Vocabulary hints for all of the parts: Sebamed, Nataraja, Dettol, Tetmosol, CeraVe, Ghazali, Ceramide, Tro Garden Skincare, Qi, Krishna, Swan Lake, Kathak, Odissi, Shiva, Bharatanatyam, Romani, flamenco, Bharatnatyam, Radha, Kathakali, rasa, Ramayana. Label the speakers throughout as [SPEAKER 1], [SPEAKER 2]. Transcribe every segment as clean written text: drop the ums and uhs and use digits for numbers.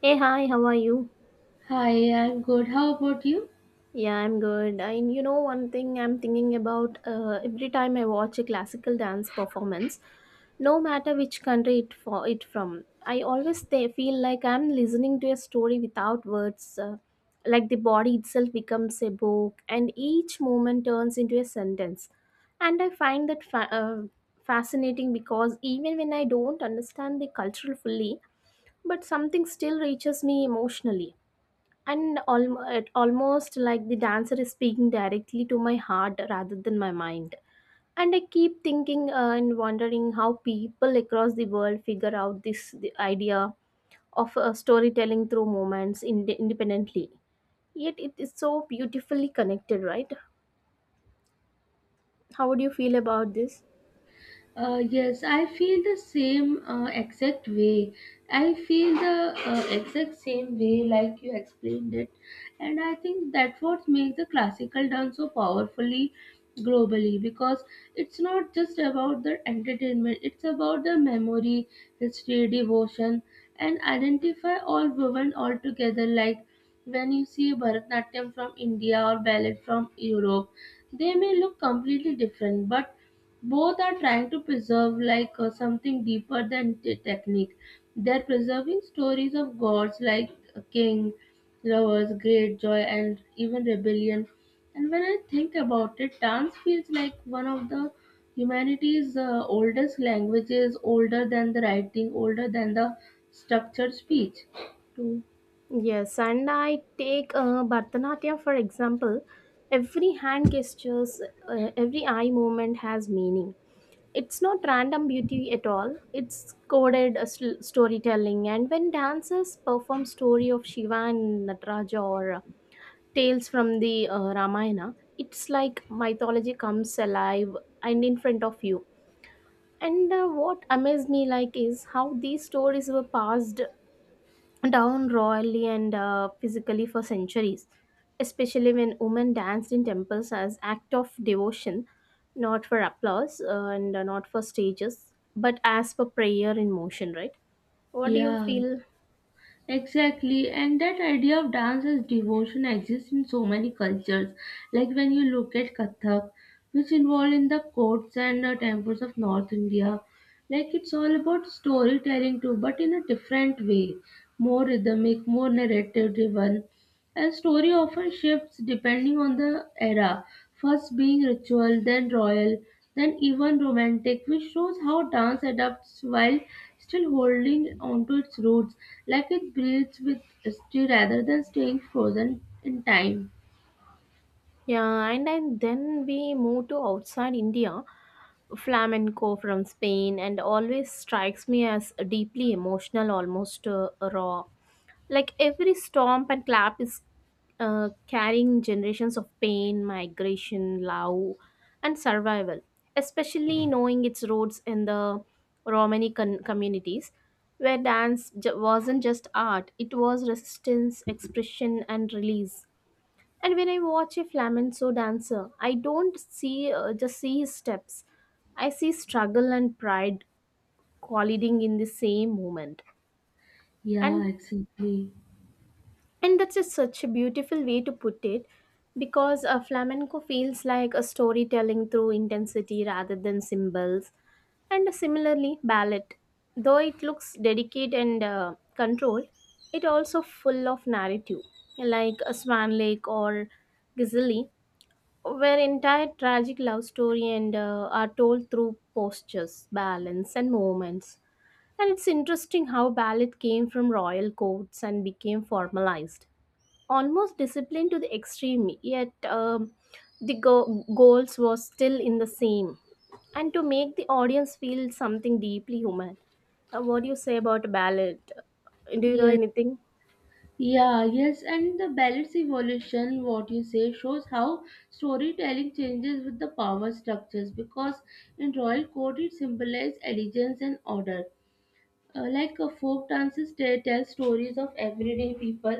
[SPEAKER 1] Hey, hi, how are you?
[SPEAKER 2] Hi, I'm good. How about you?
[SPEAKER 1] Yeah, I'm good. And you know, one thing I'm thinking about, every time I watch a classical dance performance, no matter which country it for it from, I always feel like I'm listening to a story without words. Like the body itself becomes a book, and each moment turns into a sentence. And I find that fascinating because even when I don't understand the culture fully, but something still reaches me emotionally, and it almost like the dancer is speaking directly to my heart rather than my mind. And I keep thinking, and wondering how people across the world figure out this the idea of storytelling through moments independently, yet it is so beautifully connected, right? How would you feel about this?
[SPEAKER 2] Yes, I feel the same exact way. I feel the exact same way like you explained it, and I think that's what makes the classical dance so powerfully globally because it's not just about the entertainment; it's about the memory, history, devotion, and identify all woven all together. Like when you see Bharatnatyam from India or ballet from Europe, they may look completely different, but both are trying to preserve like something deeper than technique. They're preserving stories of gods like a king, lovers, great joy, and even rebellion. And when I think about it, dance feels like one of the humanity's oldest languages, older than the writing, older than the structured speech too.
[SPEAKER 1] Yes, and I take, Bharatanatyam for example. Every hand gestures, every eye movement has meaning. It's not random beauty at all, it's coded, storytelling. And when dancers perform story of Shiva and Nataraja, or tales from the Ramayana, it's like mythology comes alive and in front of you. And what amazed me like is how these stories were passed down royally and, physically for centuries, especially when women danced in temples as act of devotion, not for applause, and not for stages, but as per prayer in motion, right? What do you
[SPEAKER 2] Yeah,
[SPEAKER 1] feel?
[SPEAKER 2] exactly, and that idea of dance as devotion exists in so many cultures. Like when you look at Kathak, which involved in the courts and temples of North India, like it's all about storytelling too, but in a different way, more rhythmic, more narrative driven. And story often shifts depending on the era, first being ritual, then royal, then even romantic, which shows how dance adapts while still holding onto its roots, like it breathes with history rather than staying frozen in time.
[SPEAKER 1] Yeah, and then we move to outside India. Flamenco from Spain, and always strikes me as deeply emotional, almost raw. Like every stomp and clap is, carrying generations of pain, migration, love, and survival, especially knowing its roots in the communities, where dance wasn't just art, it was resistance, expression, and release. And when I watch a flamenco dancer, I don't see just see his steps. I see struggle and pride colliding in the same moment.
[SPEAKER 2] Yeah,
[SPEAKER 1] And
[SPEAKER 2] exactly.
[SPEAKER 1] And that's just such a beautiful way to put it because, flamenco feels like a storytelling through intensity rather than symbols. And similarly, ballet, though it looks delicate and controlled, it also full of narrative, like a Swan Lake or Ghazali, where entire tragic love story and, are told through postures, balance, and movements. And it's interesting how ballet came from royal courts and became formalized, almost disciplined to the extreme, yet the goals was still in the same, and to make the audience feel something deeply human. What do you say about ballad? Do you know
[SPEAKER 2] Yes,
[SPEAKER 1] anything?
[SPEAKER 2] yeah, yes, and the ballet's evolution, what you say, shows how storytelling changes with the power structures because in royal court it symbolizes allegiance and order. Like folk dances, they tell stories of everyday people,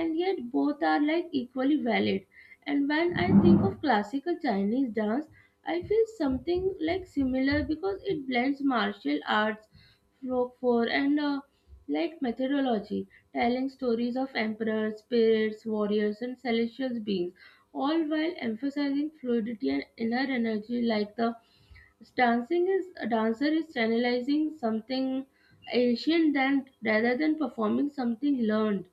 [SPEAKER 2] and yet both are like equally valid. And when I think of classical Chinese dance, I feel something like similar because it blends martial arts, folklore, and like methodology, telling stories of emperors, spirits, warriors, and celestial beings, all while emphasizing fluidity and inner energy, like the Dancing is a dancer is channelizing something ancient than rather than performing something learned.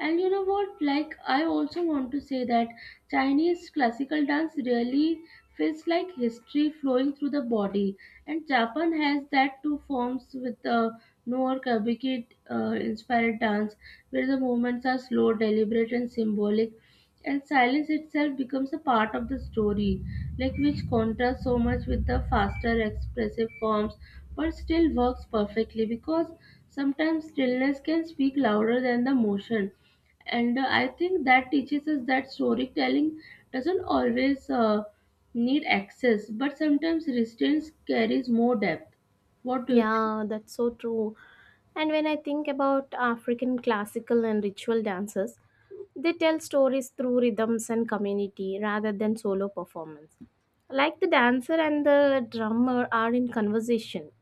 [SPEAKER 2] And you know what? Like, I also want to say that Chinese classical dance really feels like history flowing through the body, and Japan has that two forms with the no kabuki inspired dance, where the movements are slow, deliberate, and symbolic, and silence itself becomes a part of the story, like which contrasts so much with the faster, expressive forms, but still works perfectly because sometimes stillness can speak louder than the motion. And I think that teaches us that storytelling doesn't always need access but sometimes restraints carries more depth. What do you think?
[SPEAKER 1] Yeah, that's so true. And when I think about African classical and ritual dances, they tell stories through rhythms and community rather than solo performance. Like the dancer and the drummer are in conversation.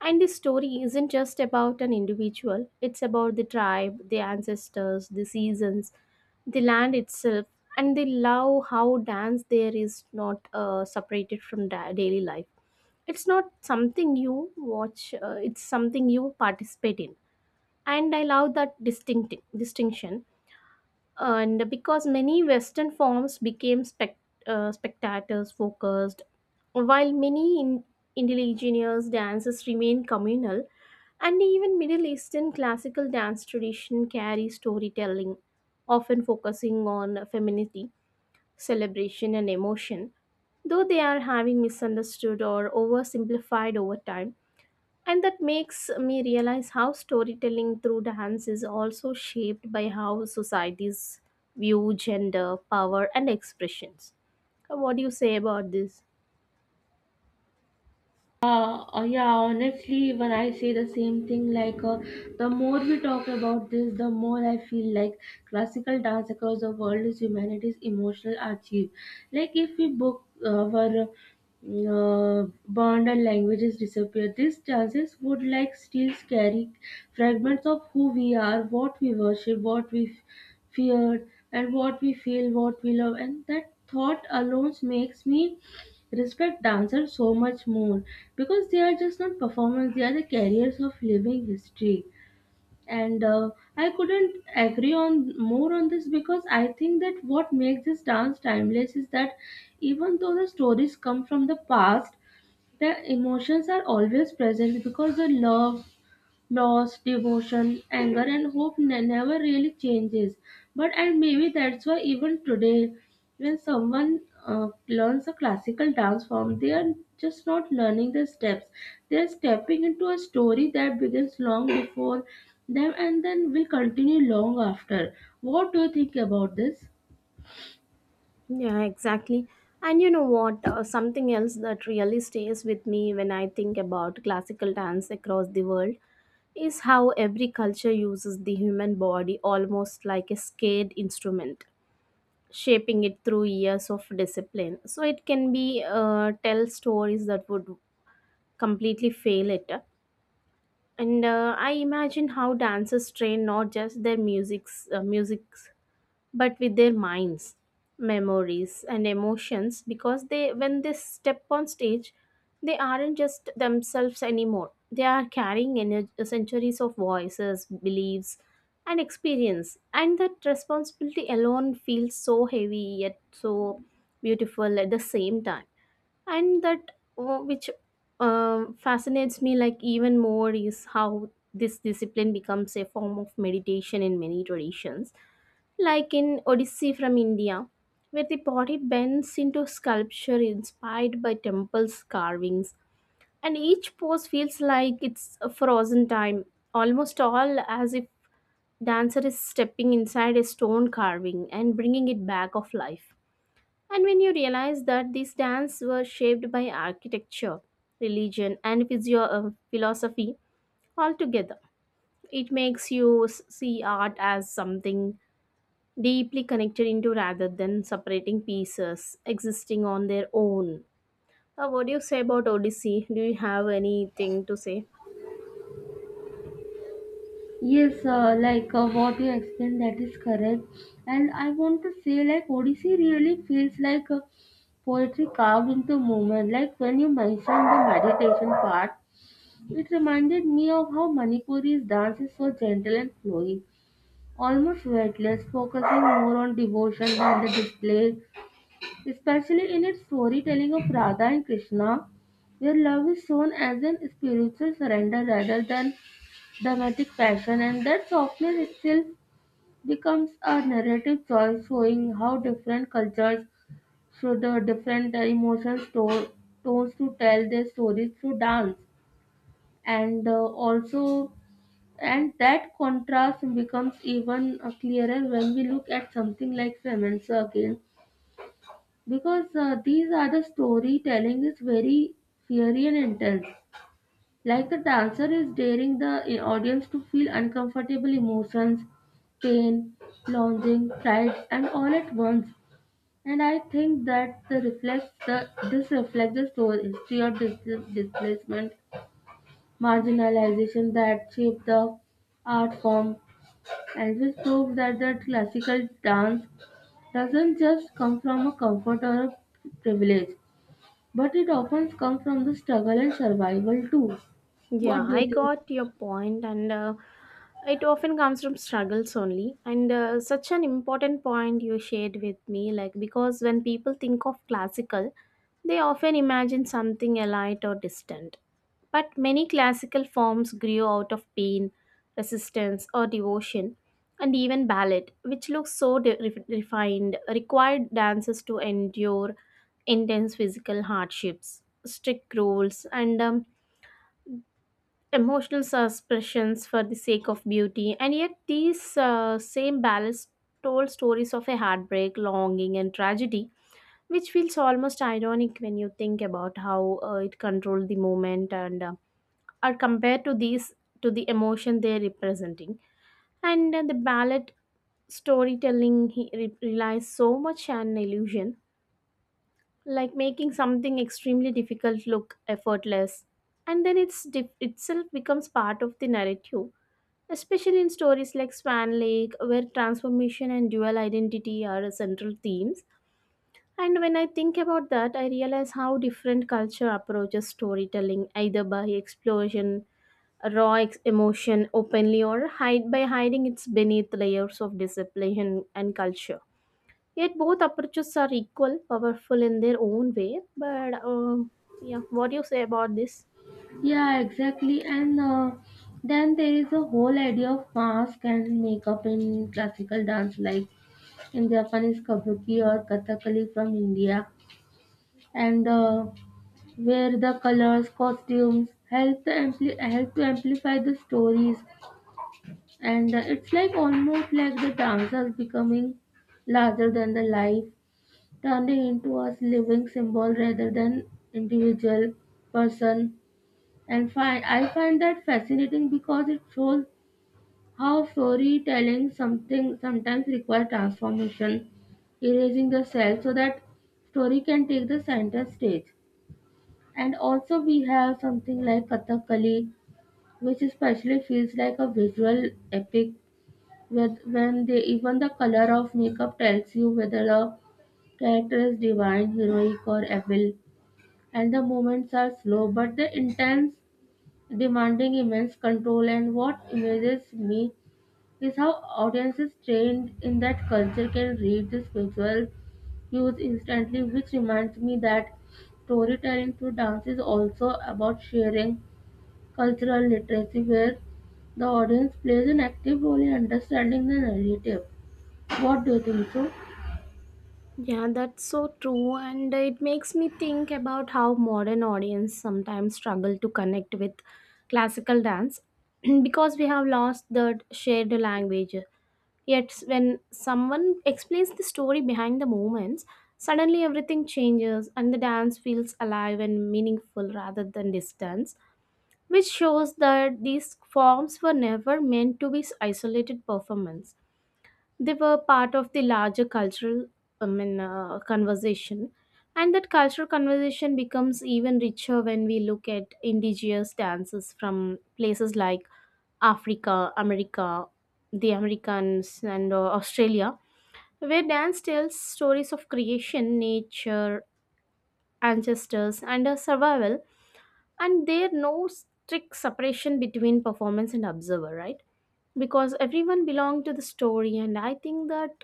[SPEAKER 1] And this story isn't just about an individual, it's about the tribe, the ancestors, the seasons, the land itself. And they love how dance there is not, separated from daily life. It's not something you watch, it's something you participate in. And I love that distinction. And because many Western forms became spectators focused, while many indigenous dances remain communal, and even Middle Eastern classical dance tradition carries storytelling, often focusing on femininity, celebration, and emotion, though they are having misunderstood or oversimplified over time. And that makes me realize how storytelling through dance is also shaped by how societies view gender, power, and expressions. What do you say about this?
[SPEAKER 2] Yeah, honestly, when I say the same thing, like the more we talk about this, the more I feel like classical dance across the world is humanity's emotional archive. Like if we book our bond and languages disappear, these dances would like still carry fragments of who we are, what we worship, what we feared, and what we feel, what we love, and that thought alone makes me respect dancers so much more because they are just not performers, they are the carriers of living history. And I couldn't agree on more on this because I think that what makes this dance timeless is that even though the stories come from the past, the emotions are always present because the love, loss, devotion, anger, and hope never really changes. But and maybe that's why even today, when someone learns a classical dance form, they are just not learning the steps. They are stepping into a story that begins long before them and then will continue long after. What do you think about this?
[SPEAKER 1] Yeah, exactly. And you know what? Something else that really stays with me when I think about classical dance across the world is how every culture uses the human body almost like a scared instrument, shaping it through years of discipline, so it can be, tell stories that would completely fail it. And I imagine how dancers train not just their music, but with their minds, memories, and emotions. Because they when they step on stage, they aren't just themselves anymore. They are carrying centuries of voices, beliefs, and experience, and that responsibility alone feels so heavy yet so beautiful at the same time. And that which fascinates me like even more is how this discipline becomes a form of meditation in many traditions, like in Odyssey from India, where the body bends into sculpture inspired by temples' carvings, and each pose feels like it's a frozen time, almost all as if dancer is stepping inside a stone carving and bringing it back of life. And when you realize that these dance were shaped by architecture, religion, and philosophy all together, it makes you see art as something deeply connected into rather than separating pieces existing on their own. What do you say about Odyssey? Do you have anything to say?
[SPEAKER 2] Yes, what you explained, that is correct. And I want to say, like, Odissi really feels like poetry carved into movement. Like, when you mentioned the meditation part, it reminded me of how Manipuri's dance is so gentle and flowing, almost weightless, focusing more on devotion than the display, especially in its storytelling of Radha and Krishna, where love is shown as an spiritual surrender rather than dramatic passion, and that softness itself becomes a narrative choice, showing how different cultures through the different emotions, tones to tell their stories through dance, and also and that contrast becomes even clearer when we look at something like flamenco again, because these are the storytelling is very fiery and intense. Like the dancer is daring the audience to feel uncomfortable emotions, pain, longing, pride, and all at once. And I think that the reflects the this reflects the slow history of displacement, marginalization that shaped the art form. And this proves that the classical dance doesn't just come from a comfort or a privilege, but it often comes from the struggle and survival too.
[SPEAKER 1] Yeah,
[SPEAKER 2] What do
[SPEAKER 1] I
[SPEAKER 2] you think?
[SPEAKER 1] got your point. And it often comes from struggles only, and such an important point you shared with me. Like, because when people think of classical, they often imagine something alight or distant. But many classical forms grew out of pain, resistance, or devotion. And even ballet, which looks so refined, required dancers to endure intense physical hardships, strict rules, and emotional expressions for the sake of beauty. And yet these, same ballads told stories of a heartbreak, longing, and tragedy, which feels almost ironic when you think about how, it controlled the moment, and are compared to the emotion they're representing. And the ballad storytelling he relies so much on illusion, like making something extremely difficult look effortless. And then it's dif- itself becomes part of the narrative, especially in stories like Swan Lake, where transformation and dual identity are central themes. And when I think about that, I realize how different culture approaches storytelling, either by explosion, raw emotion openly, or hide by hiding its beneath layers of discipline and culture. Yet both approaches are equal, powerful in their own way. But yeah, what do you say about this?
[SPEAKER 2] Yeah, exactly. And then there is a whole idea of mask and makeup in classical dance, like in Japanese kabuki or kathakali from India, and where the colors, costumes help to help to amplify the stories, and it's like almost like the dancers becoming larger than the life, turning into a living symbol rather than individual person. And find I find that fascinating because it shows how storytelling something sometimes requires transformation, erasing the self so that story can take the center stage. And also we have something like Kathakali, which especially feels like a visual epic with when they even the color of makeup tells you whether the character is divine, heroic, or evil. And the moments are slow but the intense, demanding immense control. And what amazes me is how audiences trained in that culture can read the visual cues instantly, which reminds me that storytelling through dance is also about sharing cultural literacy where the audience plays an active role in understanding the narrative. What do you think so?
[SPEAKER 1] Yeah, that's so true, and it makes me think about how modern audience sometimes struggle to connect with classical dance because we have lost the shared language. Yet, when someone explains the story behind the movements, suddenly everything changes and the dance feels alive and meaningful rather than distant, which shows that these forms were never meant to be isolated performance. They were part of the larger cultural, I mean, conversation. And that cultural conversation becomes even richer when we look at indigenous dances from places like Africa, America, the Americans, and Australia, where dance tells stories of creation, nature, ancestors, and survival. And there no strict separation between performance and observer, right? Because everyone belonged to the story. And I think that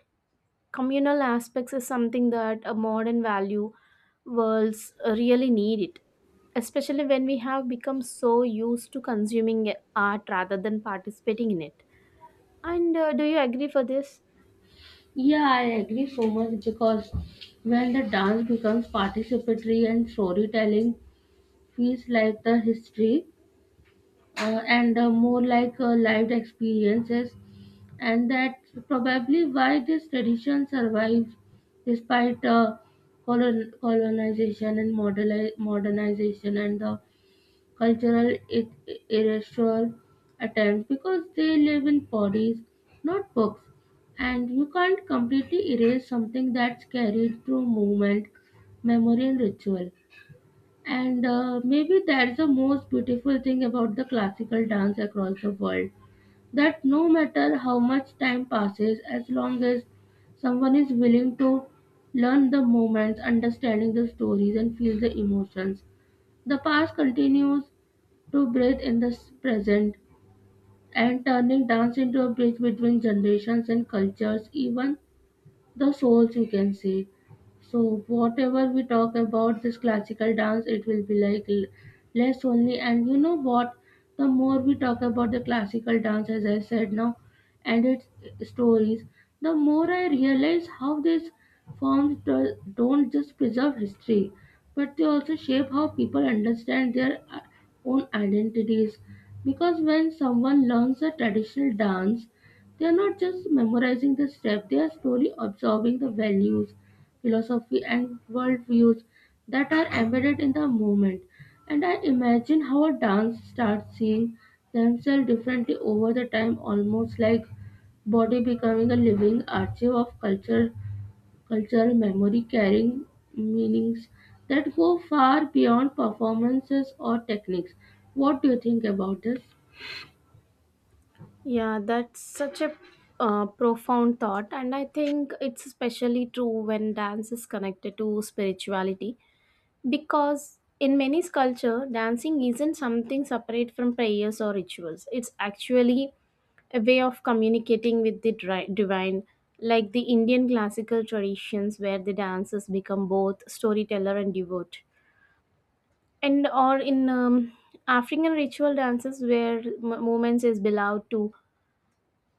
[SPEAKER 1] communal aspects is something that a modern value worlds really need it, especially when we have become so used to consuming art rather than participating in it. And do you agree for this?
[SPEAKER 2] Yeah, I agree so much because when the dance becomes participatory and storytelling feels like the history, and more like lived experiences, and that's probably why this tradition survives despite colonization and modernization and the cultural erasure attempts because they live in bodies, not books, and you can't completely erase something that's carried through movement, memory, and ritual. And maybe that's the most beautiful thing about the classical dance across the world, that no matter how much time passes, as long as someone is willing to learn the moments, understanding the stories, and feel the emotions, the past continues to breathe in the present, and turning dance into a bridge between generations and cultures, even the souls you can say. So whatever we talk about this classical dance, it will be like less only. And you know what, the more we talk about the classical dance as I said now and its stories, the more I realize how these forms don't just preserve history, but they also shape how people understand their own identities, because when someone learns a traditional dance, they are not just memorizing the steps, they are slowly absorbing the values, philosophy, and worldviews that are embedded in the movement. And I imagine how a dance starts seeing themselves differently over the time, almost like body becoming a living archive of culture, cultural memory carrying meanings that go far beyond performances or techniques. What do you think about this?
[SPEAKER 1] Yeah, that's such a, profound thought. And I think it's especially true when dance is connected to spirituality. Because in many culture, dancing isn't something separate from prayers or rituals. It's actually a way of communicating with the divine, like the Indian classical traditions where the dancers become both storyteller and devote. And or in African ritual dances where movements is believed to,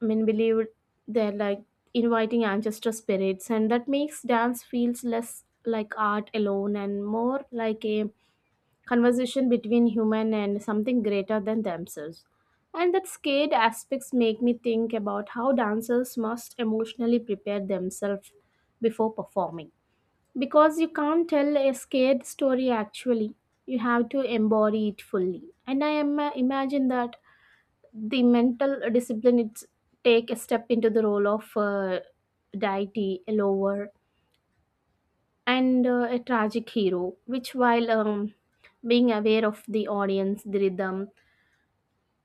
[SPEAKER 1] I mean, believed they're like inviting ancestor spirits, and that makes dance feels less like art alone and more like a conversation between human and something greater than themselves. And that scared aspects make me think about how dancers must emotionally prepare themselves before performing. Because you can't tell a scared story actually, you have to embody it fully. And I imagine that the mental discipline it's take a step into the role of, deity, a lover, and, a tragic hero, which, while being aware of the audience, the rhythm,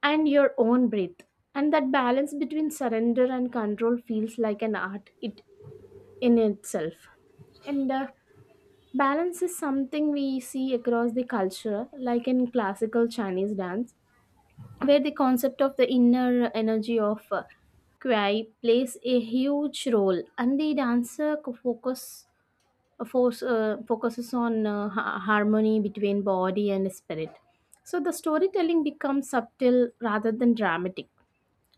[SPEAKER 1] and your own breath. And that balance between surrender and control feels like an art it in itself. And balance is something we see across the culture, like in classical Chinese dance, where the concept of the inner energy of, Cry plays a huge role, and the dancer focuses on, harmony between body and spirit. So the storytelling becomes subtle rather than dramatic.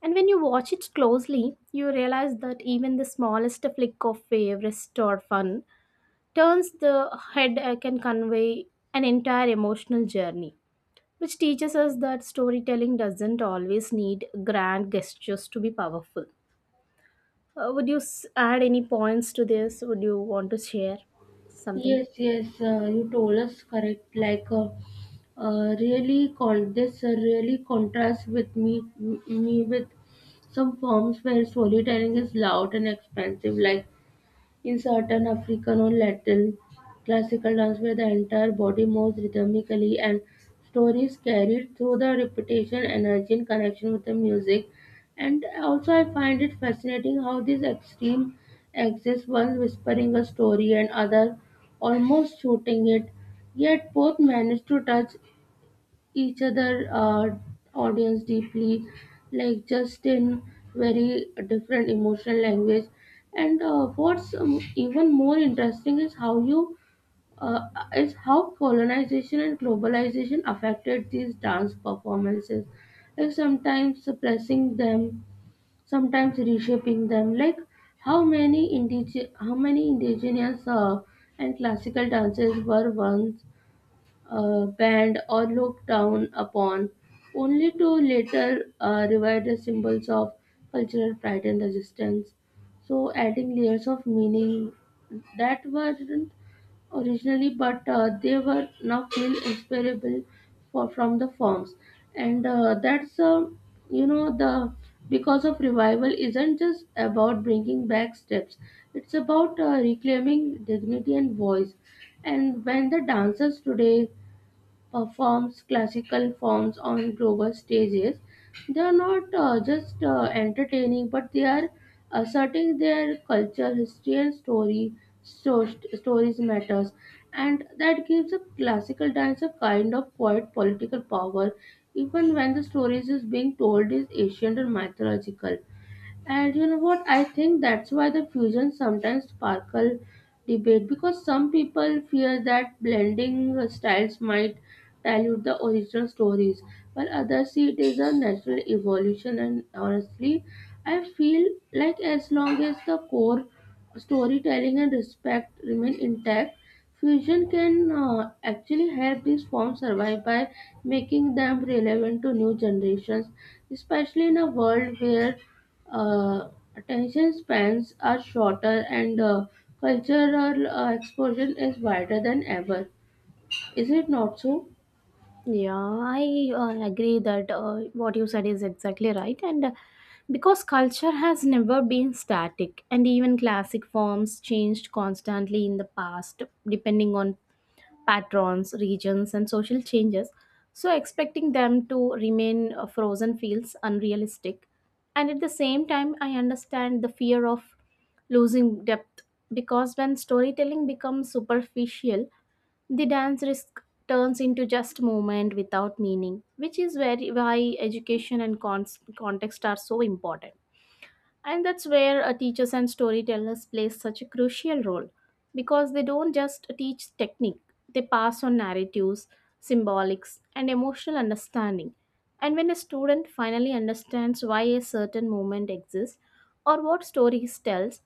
[SPEAKER 1] And when you watch it closely, you realize that even the smallest flick of wave, rest, or fun turns the head, can convey an entire emotional journey, which teaches us that storytelling doesn't always need grand gestures to be powerful. Would you add any points to this? Would you want to share something?
[SPEAKER 2] Yes, yes, you told us correct. Like, really, this really contrasts with me, me with some forms where storytelling is loud and expensive. Like, in certain African or Latin classical dance where the entire body moves rhythmically and stories carried through the repetition, energy, and connection with the music. And also I find it fascinating how these extreme exists, one whispering a story and other almost shooting it, yet both manage to touch each other audience deeply, like just in very different emotional language. And what's even more interesting is how you uh, is how colonization and globalization affected these dance performances, like sometimes suppressing them, sometimes reshaping them, like how many how many indigenous and classical dances were once banned or looked down upon, only to later revive the symbols of cultural pride and resistance. So, adding layers of meaning that weren't originally, but they were now feel inseparable for from the forms, and that's you know the because of revival isn't just about bringing back steps; it's about reclaiming dignity and voice. And when the dancers today performs classical forms on global stages. They are not just entertaining, but they are asserting their culture, history, and story. So, stories matters, and that gives a classical dance a kind of quiet political power, even when the stories is being told is ancient or mythological. And you know what? I think that's why the fusion sometimes sparkle debate because some people fear that blending styles might dilute the original stories, while others see it as a natural evolution. And honestly, I feel like as long as the core storytelling and respect remain intact, fusion can actually help these forms survive by making them relevant to new generations, especially in a world where uh, attention spans are shorter and cultural exposure is wider than ever. Is it not so?
[SPEAKER 1] Yeah, I agree that, what you said is exactly right. And because culture has never been static, and even classic forms changed constantly in the past, depending on patrons, regions, and social changes. So, expecting them to remain frozen feels unrealistic. And at the same time, I understand the fear of losing depth because when storytelling becomes superficial, the dance risk turns into just movement without meaning, which is very why education and context are so important. And that's where teachers and storytellers play such a crucial role because they don't just teach technique, they pass on narratives, symbolics, and emotional understanding. And when a student finally understands why a certain movement exists or what story he tells,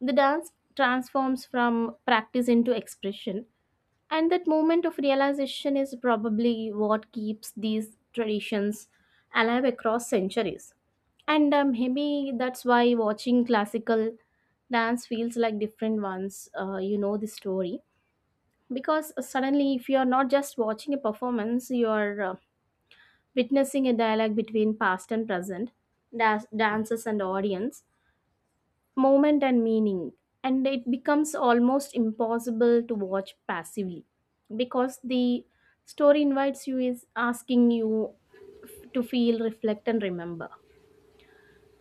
[SPEAKER 1] the dance transforms from practice into expression, and that moment of realization is probably what keeps these traditions alive across centuries. And Maybe that's why watching classical dance feels like different ones, the story. Because suddenly, if you're not just watching a performance, you're witnessing a dialogue between past and present, dancers and audience, moment and meaning, and it becomes almost impossible to watch passively because the story invites you, is asking you to feel, reflect, and remember.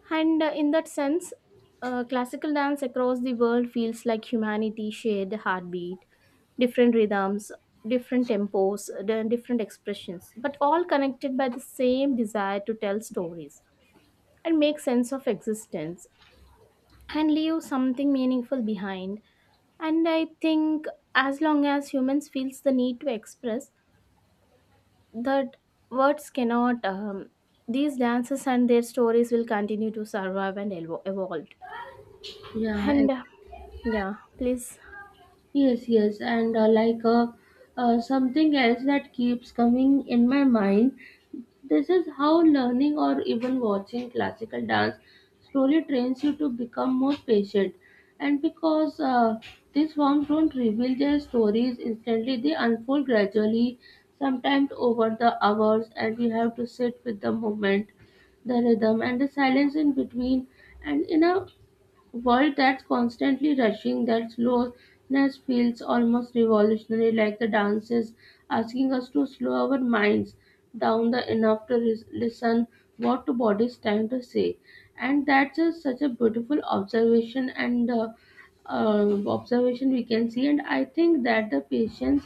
[SPEAKER 1] And in that sense, classical dance across the world feels like humanity shared heartbeat, different rhythms, different tempos, the different expressions, but all connected by the same desire to tell stories and make sense of existence and leave something meaningful behind. And I think, as long as humans feels the need to express that words cannot these dances and their stories will continue to survive and evolve.
[SPEAKER 2] Yeah,
[SPEAKER 1] And
[SPEAKER 2] ex-
[SPEAKER 1] yeah, please.
[SPEAKER 2] yes, yes, and something else that keeps coming in my mind, this is how learning or even watching classical dance slowly trains you to become more patient. And because these forms don't reveal their stories instantly, they unfold gradually, sometimes over the hours, and we have to sit with the moment, the rhythm, and the silence in between. And in a world that's constantly rushing, that slowness feels almost revolutionary, like the dance is asking us to slow our minds down the enough to listen what the body is trying to say. And that's a, such a beautiful observation. And observation we can see. And I think that the patience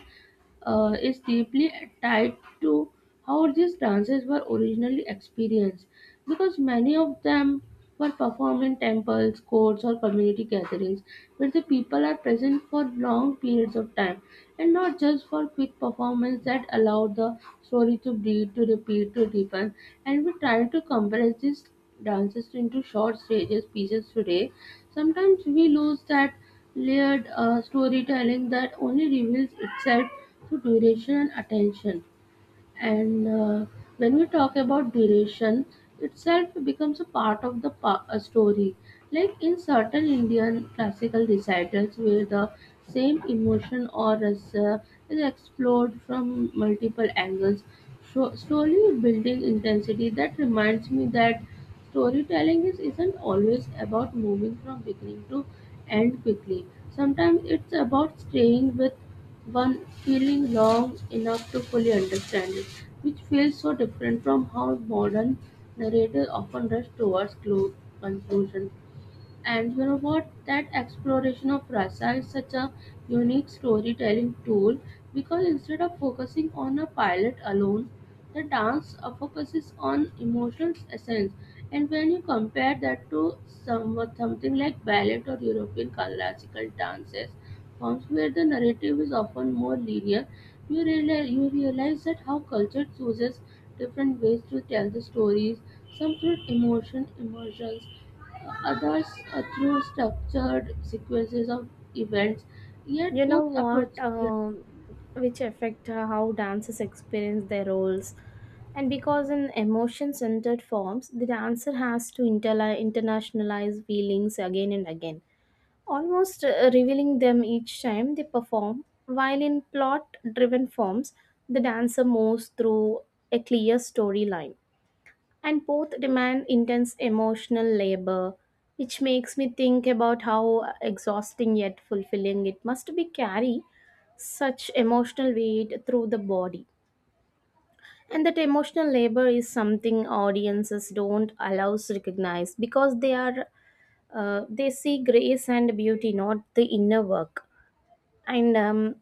[SPEAKER 2] is deeply tied to how these dances were originally experienced because many of them were performed in temples, courts, or community gatherings where the people are present for long periods of time and not just for quick performance that allow the story to breathe, to repeat, to deepen. And we try to compress these dances into short stages pieces today. Sometimes we lose that layered storytelling that only reveals itself to duration and attention. And when we talk about duration, itself becomes a part of the a story. Like in certain Indian classical recitals, where the same emotion or rasa is explored from multiple angles, so slowly building intensity. That reminds me that isn't always about moving from beginning to end quickly. Sometimes it's about staying with one feeling long enough to fully understand it, which feels so different from how modern narratives often rush towards conclusion. And you know what? That exploration of rasa is such a unique storytelling tool because instead of focusing on a pilot alone, the dance focuses on emotional essence. And when you compare that to something like ballet or European classical dances, forms where the narrative is often more linear, you realize that how culture chooses different ways to tell the stories, emotions others through structured sequences of events.
[SPEAKER 1] You
[SPEAKER 2] Yet
[SPEAKER 1] know
[SPEAKER 2] both approach.
[SPEAKER 1] what?
[SPEAKER 2] Yeah.
[SPEAKER 1] Which affect how dancers experience their roles. And because in emotion centered forms the dancer has to internationalize feelings again and again, almost revealing them each time they perform, while in plot driven forms, the dancer moves through a clear storyline. And both demand intense emotional labor, which makes me think about how exhausting yet fulfilling it must be carry such emotional weight through the body. And that emotional labor is something audiences don't allow us to recognize because they are they see grace and beauty, not the inner work, and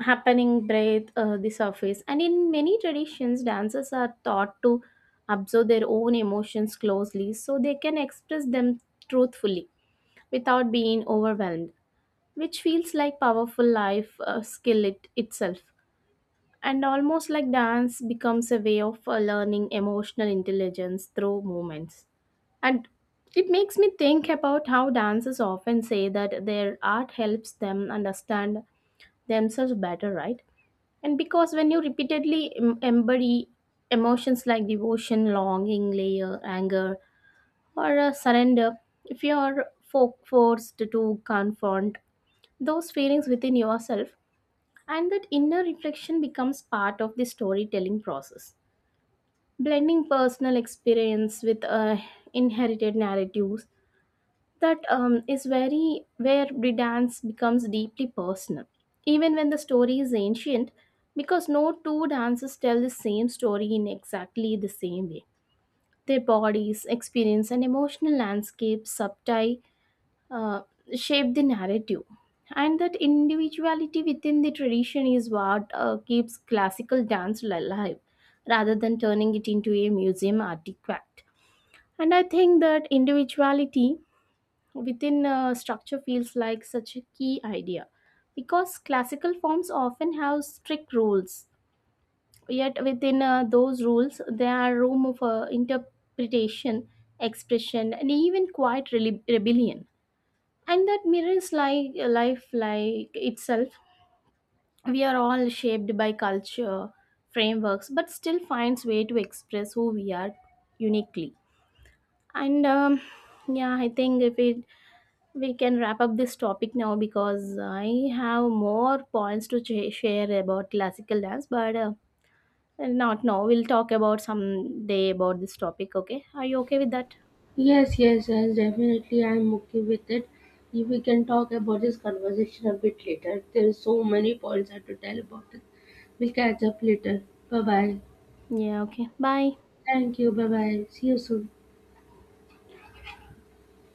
[SPEAKER 1] happening breath the surface. And in many traditions dancers are taught to observe their own emotions closely so they can express them truthfully without being overwhelmed, which feels like powerful life skill itself, and almost like dance becomes a way of learning emotional intelligence through movements. And it makes me think about how dancers often say that their art helps them understand themselves better, right? And because when you repeatedly embody emotions like devotion, longing, layer, anger, or surrender, if you are forced to confront those feelings within yourself, and that inner reflection becomes part of the storytelling process. Blending personal experience with inherited narratives, that is very where the dance becomes deeply personal even when the story is ancient, because no two dances tell the same story in exactly the same way. Their bodies experience and emotional landscape subtly uh, shape the narrative. And that individuality within the tradition is what keeps classical dance alive rather than turning it into a museum artifact. And I think that individuality within structure feels like such a key idea because classical forms often have strict rules, yet within those rules there are room for interpretation, expression, and even quiet rebellion. And that mirrors like life like itself. We are all shaped by culture frameworks but still finds way to express who we are uniquely. And yeah, I think if we can wrap up this topic now because I have more points to share about classical dance, but not now. We'll talk about some day about this topic. Okay, are you okay with that?
[SPEAKER 2] Yes, yes, yes, definitely. I'm okay with it. If we can talk about this conversation a bit later. There's so many points I have to tell about it. We'll catch up later. Bye bye.
[SPEAKER 1] Yeah. Okay. Bye.
[SPEAKER 2] Thank you. Bye bye. See you soon.